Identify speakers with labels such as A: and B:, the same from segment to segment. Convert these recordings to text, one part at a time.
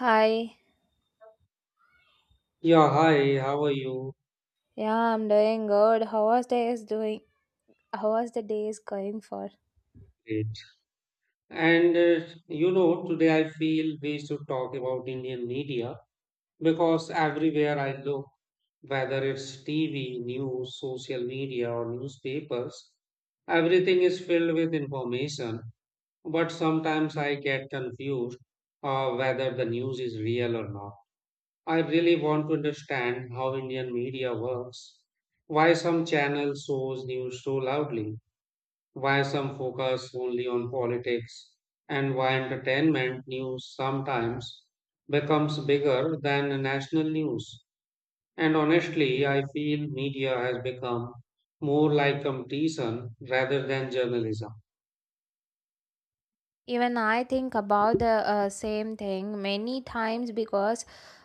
A: Hi,
B: Yeah, hi, how are you?
A: yeah, I'm doing good. How was days doing? How was the days going for?
B: Great. And uh, Today I feel we should talk about Indian media because everywhere I look, whether it's TV, news, social media, or newspapers, everything is filled with information. But sometimes I get confused whether the news is real or not. I really want to understand how Indian media works, why some channels shows news so loudly, why some focus only on politics, and why entertainment news sometimes becomes bigger than national news. And honestly, I feel media has become more like competition rather than journalism.
A: Even I think about the same thing many times because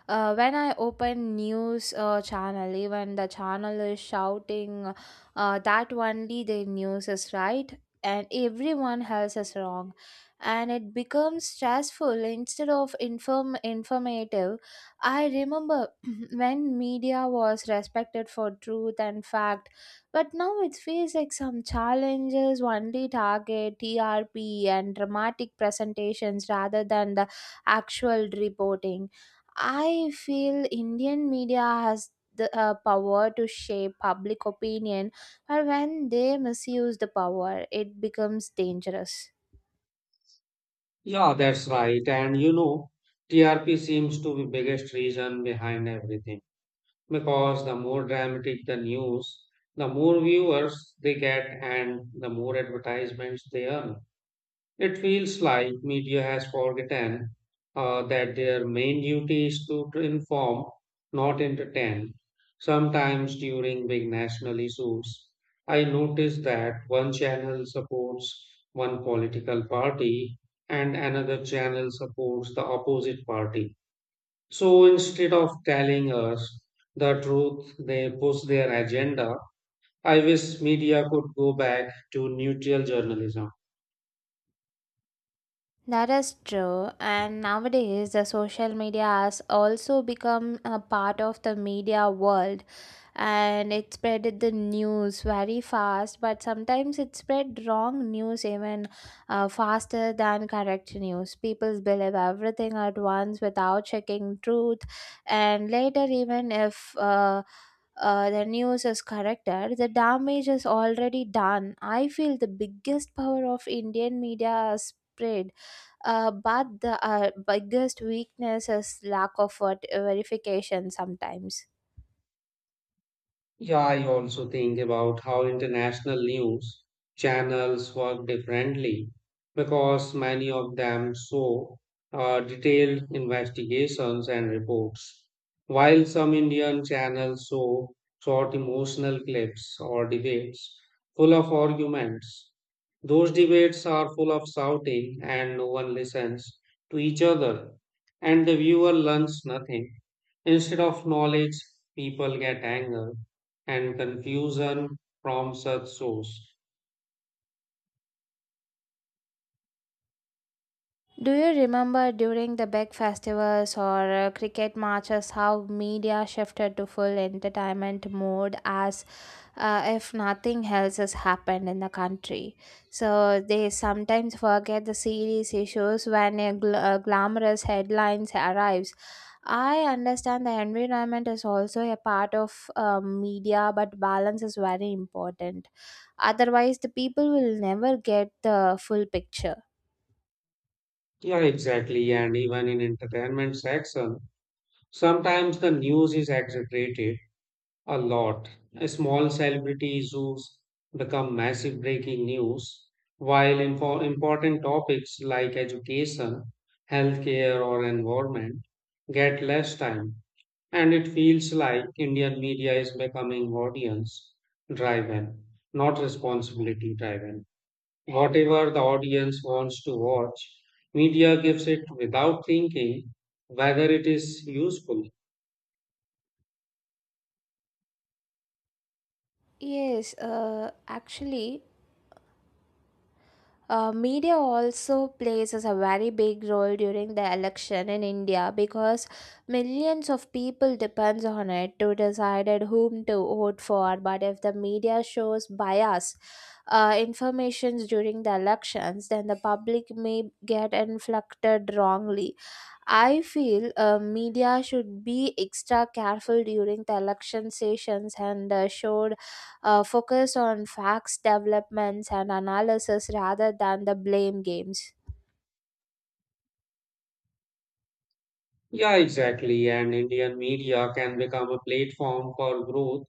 A: when I open news channel, even the channel is shouting that only the news is right and everyone else is wrong, and it becomes stressful instead of informative. I remember when media was respected for truth and fact, but now it feels like some challenges only target TRP and dramatic presentations rather than the actual reporting. I feel Indian media has the power to shape public opinion, but when they misuse the power, it becomes dangerous.
B: Yeah, that's right. And you know, TRP seems to be biggest reason behind everything because the more dramatic the news, the more viewers they get and the more advertisements they earn. It feels like media has forgotten that their main duty is to inform, not entertain. Sometimes during big national issues, I notice that one channel supports one political party and another channel supports the opposite party. So instead of telling us the truth, they push their agenda. I wish media could go back to neutral journalism.
A: That is true. And nowadays, the social media has also become a part of the media world, and it spread the news very fast, but sometimes it spread wrong news even faster than correct news. People believe everything at once without checking truth, and later, even if the news is corrected, the damage is already done. I feel the biggest power of Indian media is spread, but the biggest weakness is lack of what verification sometimes.
B: Yeah, I also think about how international news channels work differently because many of them show detailed investigations and reports, while some Indian channels show short emotional clips or debates full of arguments. Those debates are full of shouting, and no one listens to each other, and the viewer learns nothing. Instead of knowledge, people get anger and confusion from such source.
A: Do you remember during the big festivals or cricket matches how media shifted to full entertainment mode as if nothing else has happened in the country? So they sometimes forget the serious issues when a glamorous headlines arrives. I understand the environment is also a part of media, but balance is very important. Otherwise, the people will never get the full picture.
B: Yeah, exactly. And even in entertainment section, sometimes the news is exaggerated a lot. Small celebrity issues become massive breaking news, while important topics like education, healthcare, or environment get less time. And it feels like Indian media is becoming audience driven, not responsibility driven. Whatever the audience wants to watch, media gives it without thinking whether it is useful.
A: Yes, actually, media also plays as a very big role during the election in India because millions of people depends on it to decide at whom to vote for. But if the media shows bias informations during the elections, then the public may get inflected wrongly. I feel media should be extra careful during the election sessions and should focus on facts, developments, and analysis rather than the blame games.
B: Yeah, exactly. And Indian media can become a platform for growth.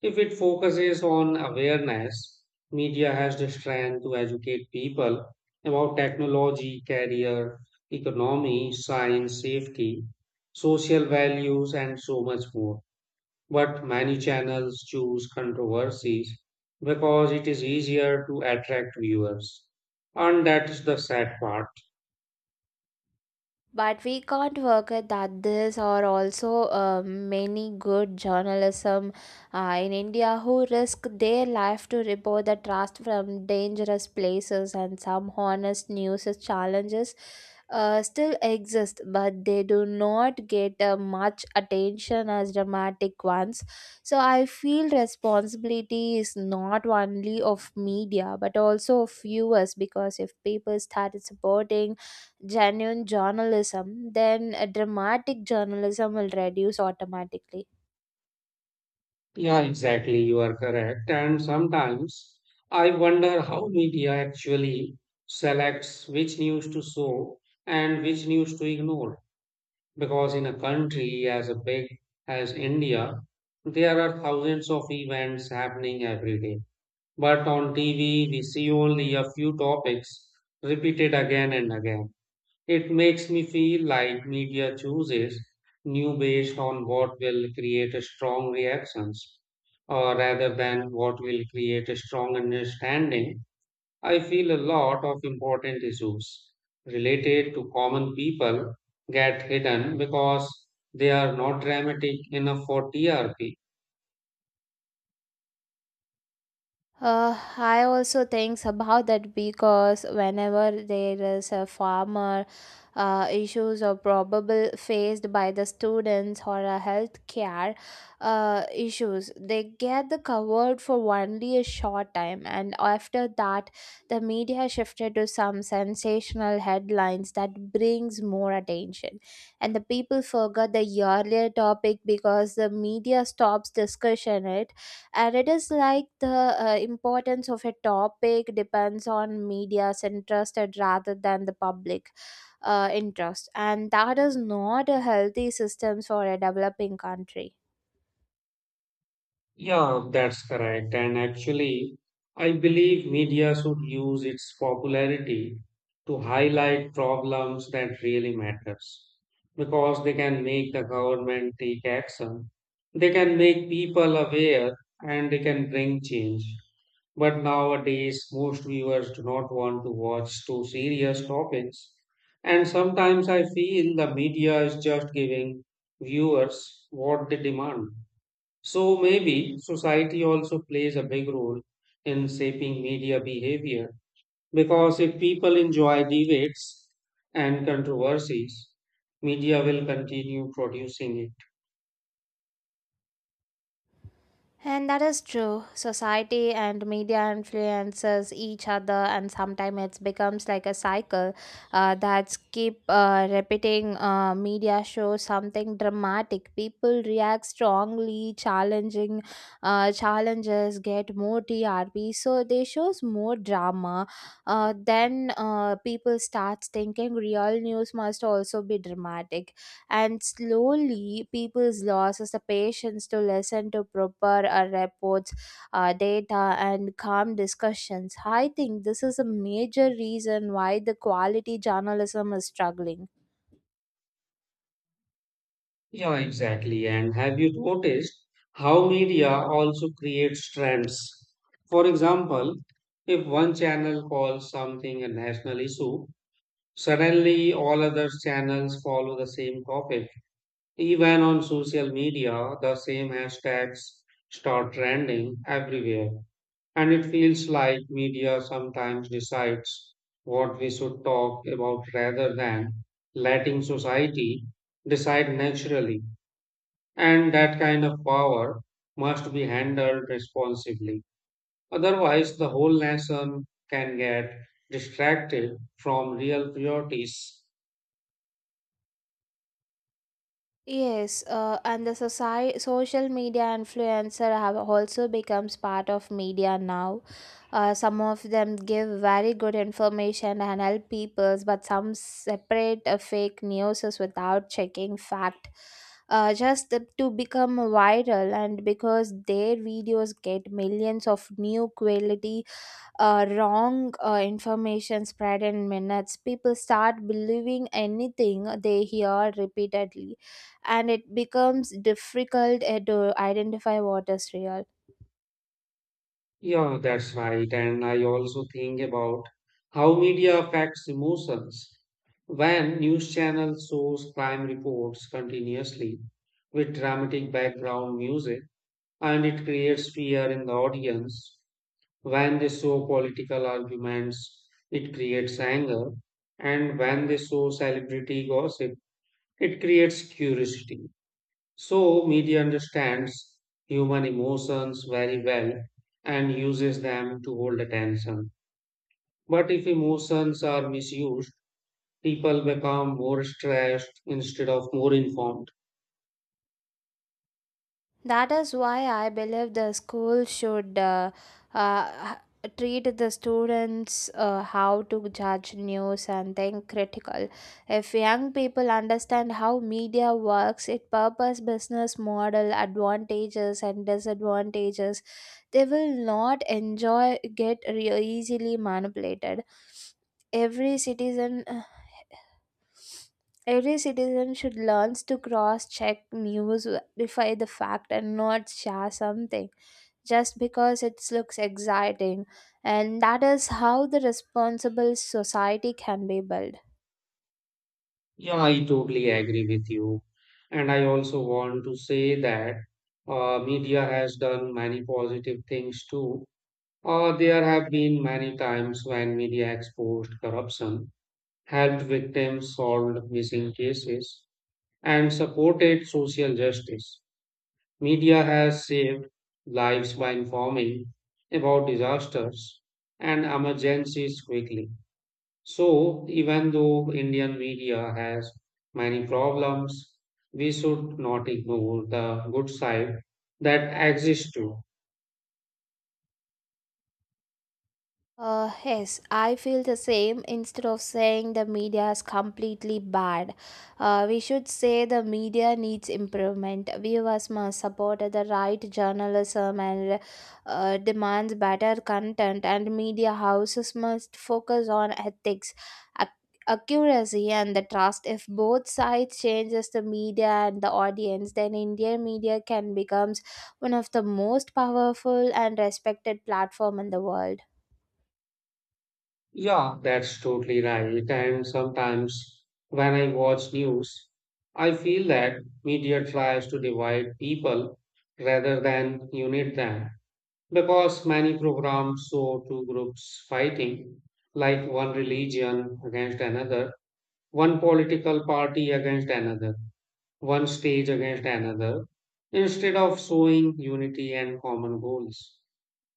B: If it focuses on awareness, media has the strength to educate people about technology, career, economy, science, safety, social values, and so much more. But many channels choose controversies because it is easier to attract viewers. And that's the sad part.
A: But we can't forget that there are also many good journalism in India who risk their life to report the trust from dangerous places, and some honest news challenges still exist, but they do not get much attention as dramatic ones. So I feel responsibility is not only of media but also of viewers, because if people started supporting genuine journalism, then a dramatic journalism will reduce automatically.
B: Yeah, exactly. You are correct. And sometimes I wonder how media actually selects which news to show and which news to ignore. Because in a country as big as India, there are thousands of events happening every day. But on TV, we see only a few topics repeated again and again. It makes me feel like media chooses new based on what will create a strong reactions rather than what will create a strong understanding. I feel a lot of important issues related to common people get hidden because they are not dramatic enough for TRP.
A: I also think about that, because whenever there is a farmer issues or probable faced by the students or a health care issues, they get the covered for only a short time, and after that, the media shifted to some sensational headlines that brings more attention, and the people forgot the earlier topic because the media stops discussion it. And it is like the importance of a topic depends on media's interested rather than the public interest, and that is not a healthy system for a developing country.
B: Yeah, that's correct. And actually, I believe media should use its popularity to highlight problems that really matters because they can make the government take action. They can make people aware and they can bring change. But nowadays, most viewers do not want to watch too serious topics. And sometimes I feel the media is just giving viewers what they demand, so maybe society also plays a big role in shaping media behavior because if people enjoy debates and controversies, media will continue producing it.
A: And that is true. Society and media influences each other, and sometimes it becomes like a cycle that's keep repeating. Media shows something dramatic. People react strongly, challenging challenges get more TRP. So they shows more drama. Then people starts thinking real news must also be dramatic, and slowly people's losses the patience to listen to proper reports, data, and calm discussions. I think this is a major reason why the quality journalism is struggling.
B: Yeah, exactly. And have you noticed how media also creates trends? For example, if one channel calls something a national issue, suddenly all other channels follow the same topic. Even on social media, the same hashtags start trending everywhere. And it feels like media sometimes decides what we should talk about rather than letting society decide naturally. And that kind of power must be handled responsibly. Otherwise, the whole nation can get distracted from real priorities.
A: Yes, and the society, social media influencer have also becomes part of media now. Some of them give very good information and help peoples, but some separate fake news without checking fact. To become viral, and because their videos get millions of new quality, wrong information spread in minutes. People start believing anything they hear repeatedly, and it becomes difficult to identify what is real.
B: Yeah, that's right. And I also think about how media affects emotions. When news channels shows crime reports continuously with dramatic background music, and it creates fear in the audience. When they show political arguments, it creates anger. And when they show celebrity gossip, it creates curiosity. So, media understands human emotions very well and uses them to hold attention. But if emotions are misused, people become more stressed instead of more informed.
A: That is why I believe the school should uh, treat the students how to judge news and think critical. If young people understand how media works, its purpose, business model, advantages and disadvantages, they will not enjoy easily manipulated. every citizen uh, Every citizen should learn to cross check news, verify the fact, and not share something just because it looks exciting. And that is how the responsible society can be built.
B: Yeah, I totally agree with you. And I also want to say that media has done many positive things too. There have been many times when media exposed corruption, helped victims solve missing cases, and supported social justice. Media has saved lives by informing about disasters and emergencies quickly. So, even though Indian media has many problems, we should not ignore the good side that exists too.
A: Yes, I feel the same. Instead of saying the media is completely bad, we should say the media needs improvement. Viewers must support the right journalism and demands better content, and media houses must focus on ethics, ac- accuracy, and the trust. If both sides changes the media and the audience, then Indian media can becomes one of the most powerful and respected platform in the world.
B: Yeah, that's totally right. And sometimes when I watch news, I feel that media tries to divide people rather than unite them because many programs show two groups fighting, like one religion against another, one political party against another, one stage against another. Instead of showing unity and common goals,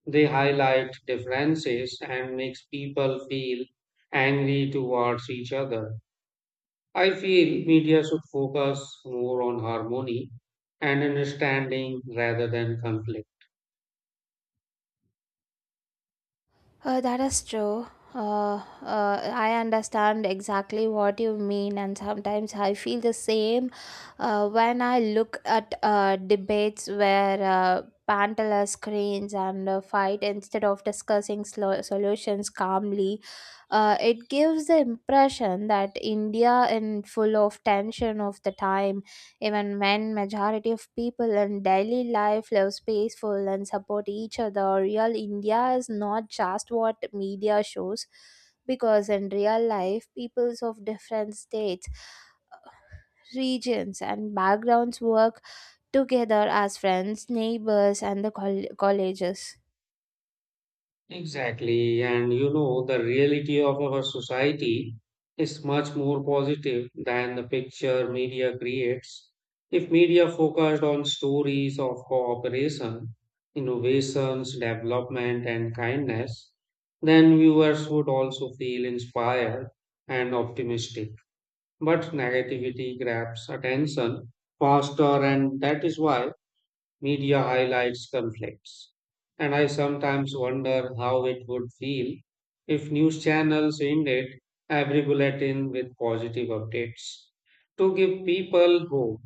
B: they highlight differences and makes people feel angry towards each other. I feel media should focus more on harmony and understanding rather than conflict.
A: That is true. Uh, I understand exactly what you mean, and sometimes I feel the same when I look at debates where panel screens and fight instead of discussing solutions calmly. It gives the impression that India in full of tension of the time, even when majority of people in daily life lives peaceful and support each other. Real India is not just what media shows, because in real life peoples of different states, regions, and backgrounds work together as friends, neighbors, and the colleges.
B: Exactly. And you know, the reality of our society is much more positive than the picture media creates. If media focused on stories of cooperation, innovations, development, and kindness, then viewers would also feel inspired and optimistic. But negativity grabs attention faster, and that is why media highlights conflicts. And I sometimes wonder how it would feel if news channels ended every bulletin with positive updates to give people hope.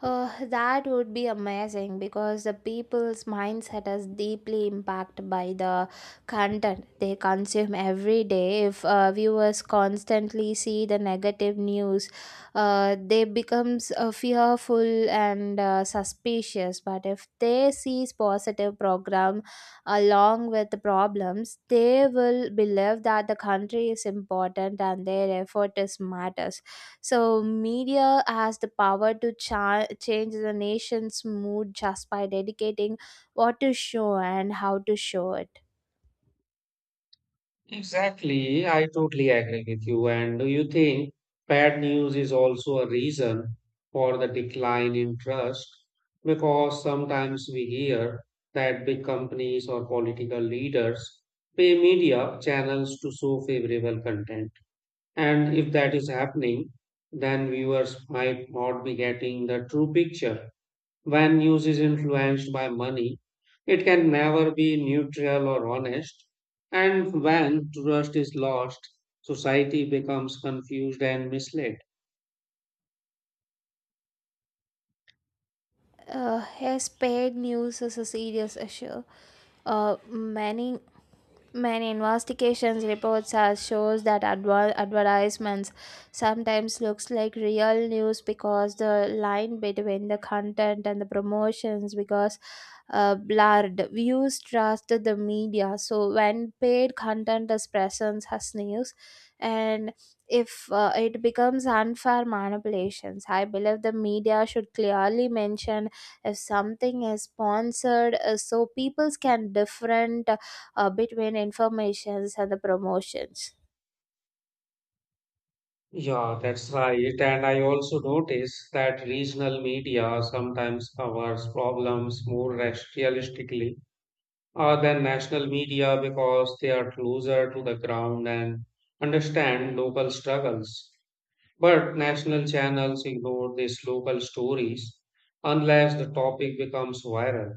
A: That would be amazing because the people's mindset is deeply impacted by the content they consume every day. If viewers constantly see the negative news, they becomes fearful and suspicious. But if they sees positive program along with the problems, they will believe that the country is important and their effort is matters. So, media has the power to change the nation's mood just by dedicating what to show and how to show it.
B: Exactly, I totally agree with you. And do you think bad news is also a reason for the decline in trust? Because sometimes we hear that big companies or political leaders pay media channels to show favorable content. And if that is happening, then viewers might not be getting the true picture. When news is influenced by money, it can never be neutral or honest. And when trust is lost, society becomes confused and misled.
A: Yes, paid news is a serious issue. Uh, many Many investigations reports has shows that advertisements sometimes looks like real news because the line between the content and the promotions because blurred. Views trust the media, so when paid content is present as news, and if it becomes unfair manipulations, I believe the media should clearly mention if something is sponsored, so people can different between informations and the promotions.
B: Yeah, that's right. And I also notice that regional media sometimes covers problems more realistically than national media because they are closer to the ground and understand local struggles. But national channels ignore these local stories unless the topic becomes viral.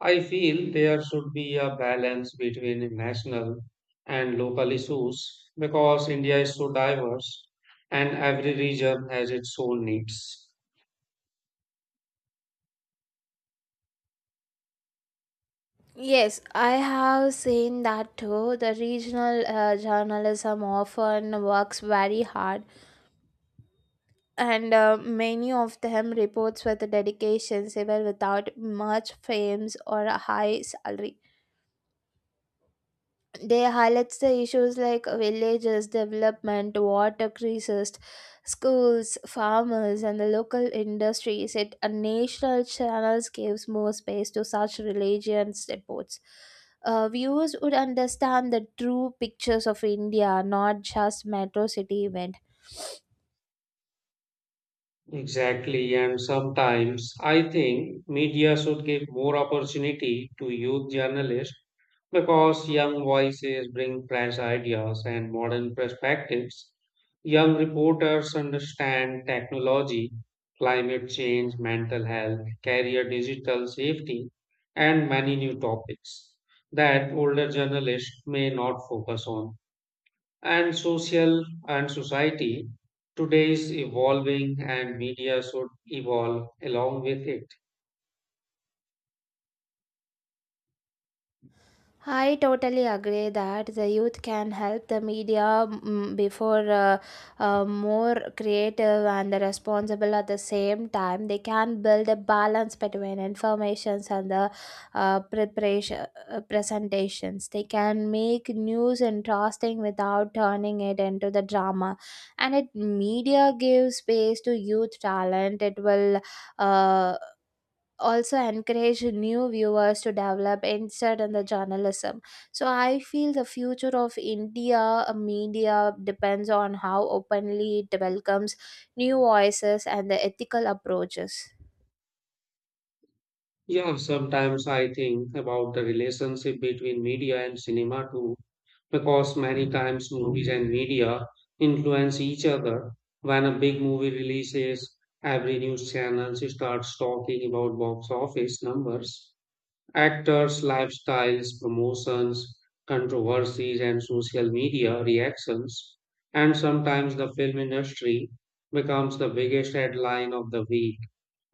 B: I feel there should be a balance between national and local issues because India is so diverse and every region has its own needs.
A: Yes, I have seen that too. The regional journalism often works very hard, and many of them reports with dedications even without much fame or a high salary. They highlights the issues like villages development, water crisis, schools, farmers, and the local industries. It a national channels gives more space to such religions reports. Viewers would understand the true pictures of India, not just metro city event.
B: Exactly, and sometimes I think media should give more opportunity to youth journalists because young voices bring fresh ideas and modern perspectives. Young reporters understand technology, climate change, mental health, career digital safety, and many new topics that older journalists may not focus on, and social and society today is evolving and media should evolve along with it.
A: I totally agree that the youth can help the media mm, before more creative and responsible at the same time. They can build a balance between informations and the preparation presentations. They can make news interesting without turning it into the drama. And it media gives space to youth talent, it will uh, also encourage new viewers to develop insight in the journalism. So I feel the future of India media depends on how openly it welcomes new voices and the ethical approaches.
B: Yeah, sometimes I think about the relationship between media and cinema too because many times movies and media influence each other. When a big movie releases, every news channel starts talking about box office numbers, actors' lifestyles, promotions, controversies, and social media reactions, and sometimes the film industry becomes the biggest headline of the week.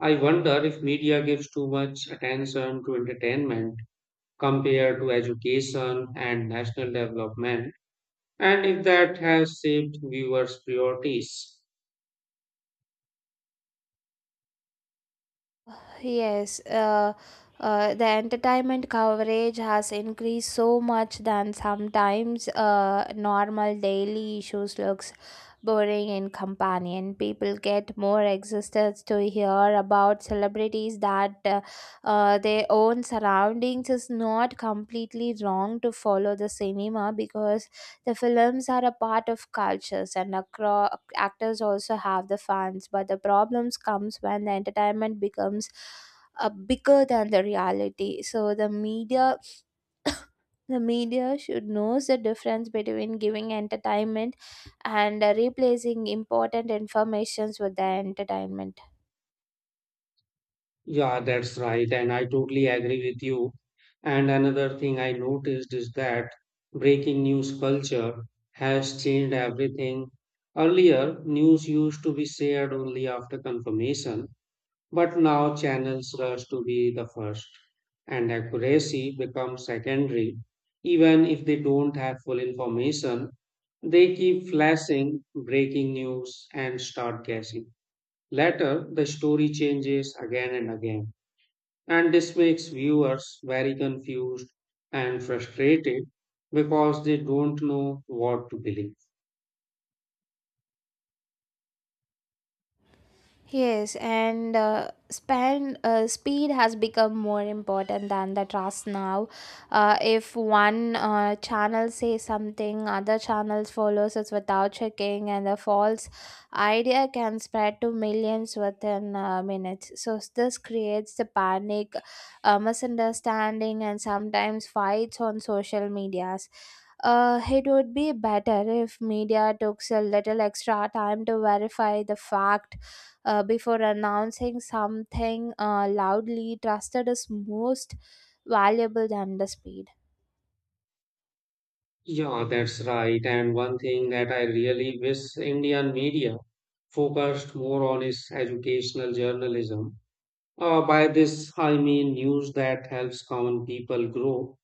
B: I wonder if media gives too much attention to entertainment compared to education and national development, and if that has shaped viewers' priorities.
A: Yes, the entertainment coverage has increased so much than sometimes normal daily issues looks boring in companion. People get more excited to hear about celebrities that their own surroundings. Is not completely wrong to follow the cinema because the films are a part of cultures, and actors also have the fans, but the problems comes when the entertainment becomes bigger than the reality. So the media should knows the difference between giving entertainment and replacing important informations with the entertainment.
B: Yeah, that's right. And I totally agree with you. And another thing I noticed is that breaking news culture has changed everything. Earlier, news used to be shared only after confirmation, but now channels rush to be the first, and accuracy becomes secondary. Even if they don't have full information, they keep flashing breaking news and start guessing. Later, the story changes again and again, and this makes viewers very confused and frustrated because they don't know what to believe.
A: Yes, and span speed has become more important than the trust now. If one channel says something, other channels follows it without checking, and the false idea can spread to millions within minutes. So this creates the panic, misunderstanding, and sometimes fights on social medias. It would be better if media took a little extra time to verify the fact before announcing something loudly. Trusted is most valuable than the speed.
B: Yeah, that's right. And one thing that I really wish Indian media focused more on is educational journalism. By this, I mean news that helps common people grow,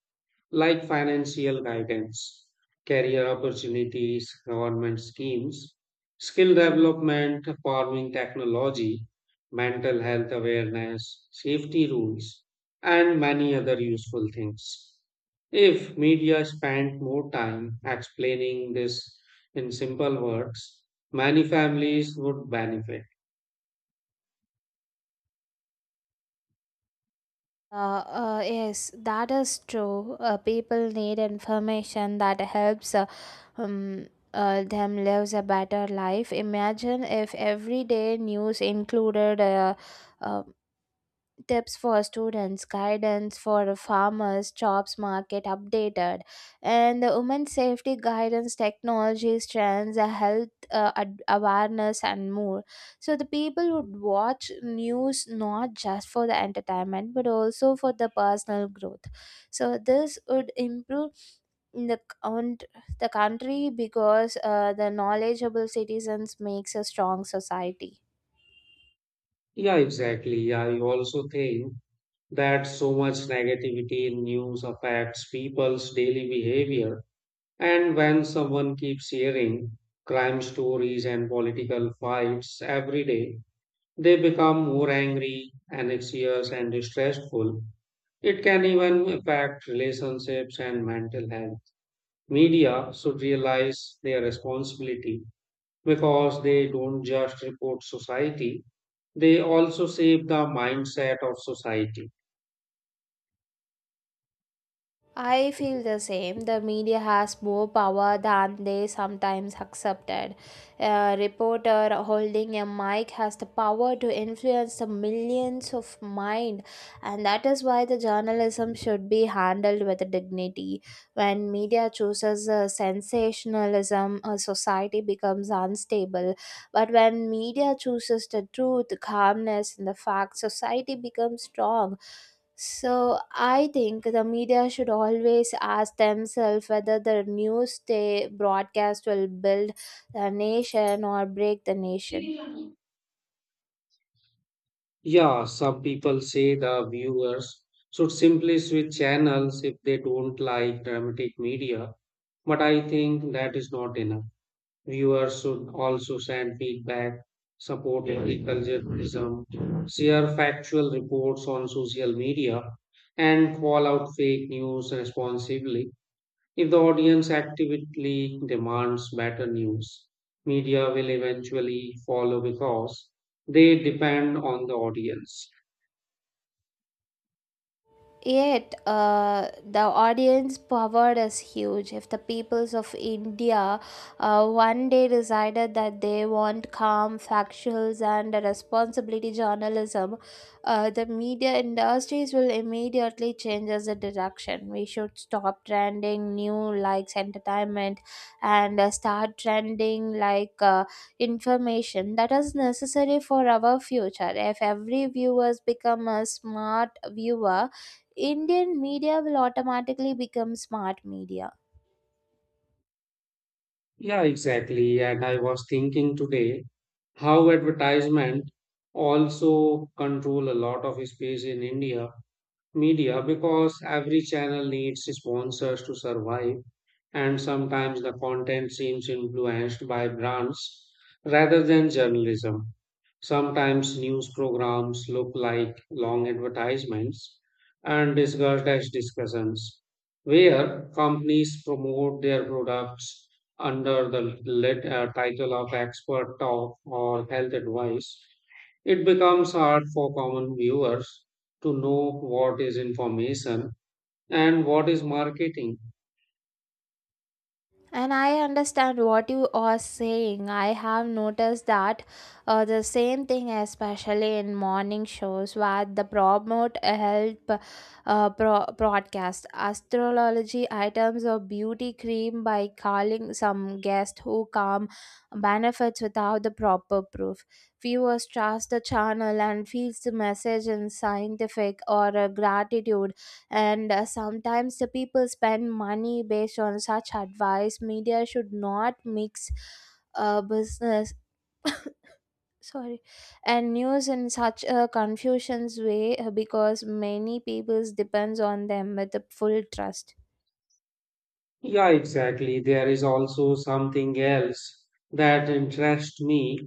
B: like financial guidance, career opportunities, government schemes, skill development, farming technology, mental health awareness, safety rules, and many other useful things. If media spent more time explaining this in simple words, many families would benefit.
A: Uh, yes, that is true. People need information that helps um, them lives a better life. Imagine if everyday news included uh, tips for students, guidance for farmers, jobs market updated, and the women's safety guidance, technology trends, health awareness, and more. So the people would watch news not just for the entertainment but also for the personal growth. So this would improve in the count the country because the knowledgeable citizens makes a strong society.
B: Yeah, exactly. I also think that so much negativity in news affects people's daily behavior. And when someone keeps hearing crime stories and political fights every day, they become more angry, anxious, and stressful. It can even affect relationships and mental health. Media should realize their responsibility because they don't just report society, they also shape the mindset of society.
A: I feel the same. The media has more power than they sometimes accepted. A reporter holding a mic has the power to influence the millions of mind, and that is why the journalism should be handled with dignity. When media chooses sensationalism, a society becomes unstable. But when media chooses the truth, calmness, and the facts, society becomes strong. So I think the media should always ask themselves whether the news they broadcast will build the nation or break the nation.
B: Yeah, some people say the viewers should simply switch channels if they don't like dramatic media, but I think that is not enough. Viewers should also send feedback, support critical journalism, share factual reports on social media, and call out fake news responsibly. If the audience actively demands better news, media will eventually follow because they depend on the audience.
A: Yet, the audience power is huge. If the peoples of India one day decided that they want calm, factuals, and a responsibility journalism, the media industries will immediately change as a direction. We should stop trending new likes entertainment, and start trending like information that is necessary for our future. If every viewers become a smart viewer, Indian media will automatically become smart media.
B: Yeah, exactly. And I was thinking today how advertisement also control a lot of space in India media because every channel needs sponsors to survive, and sometimes the content seems influenced by brands rather than journalism. Sometimes news programs look like long advertisements and discussed as discussions, where companies promote their products under the title of expert talk or health advice. It becomes hard for common viewers to know what is information and what is marketing.
A: And I understand what you are saying. I have noticed that the same thing, especially in morning shows, where the promote broadcast astrology items or beauty cream by calling some guest who come benefits without the proper proof. Viewers trust the channel and feels the message in scientific or gratitude, and sometimes the people spend money based on such advice. Media should not mix business sorry and news in such a confusions way, because many peoples depends on them with the full trust.
B: Yeah, exactly. There is also something else that interests me,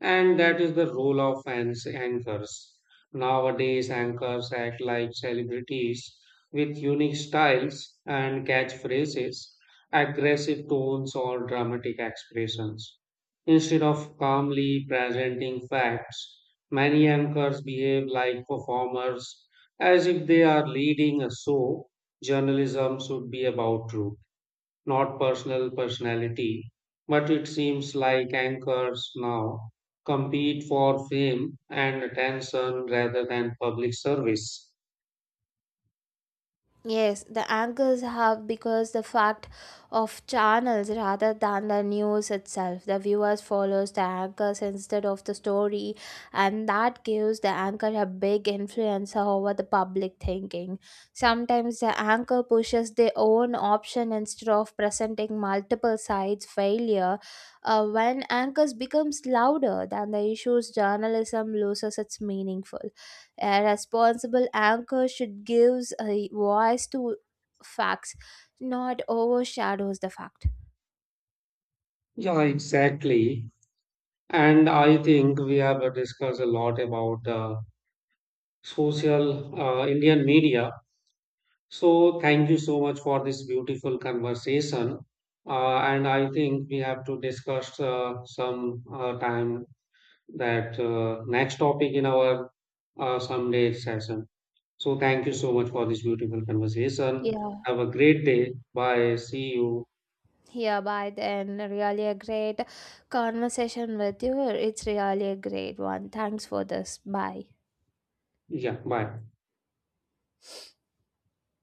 B: and that is the role of anchors. Nowadays, anchors act like celebrities with unique styles and catchphrases, aggressive tones, or dramatic expressions. Instead of calmly presenting facts, many anchors behave like performers as if they are leading a show. Journalism should be about truth, not personal personality, but it seems like anchors now compete for fame and attention rather than public service.
A: Yes, the anchors have because the fact of channels rather than the news itself. The viewers follows the anchors instead of the story, and that gives the anchor a big influence over the public thinking. Sometimes the anchor pushes their own option instead of presenting multiple sides failure. When anchors becomes louder than the issues, journalism loses its meaningful. A responsible anchor should gives a voice to facts, not overshadows the fact.
B: Yeah, exactly. And I think we have discussed a lot about the social Indian media. So thank you so much for this beautiful conversation. And I think we have to discuss some time that next topic in our someday session. So thank you so much for this beautiful conversation.
A: Yeah,
B: Have a great day. Bye. See you.
A: yeah, by then, really a great conversation with you. It's really a great one. Thanks for this. Bye.
B: Yeah, bye.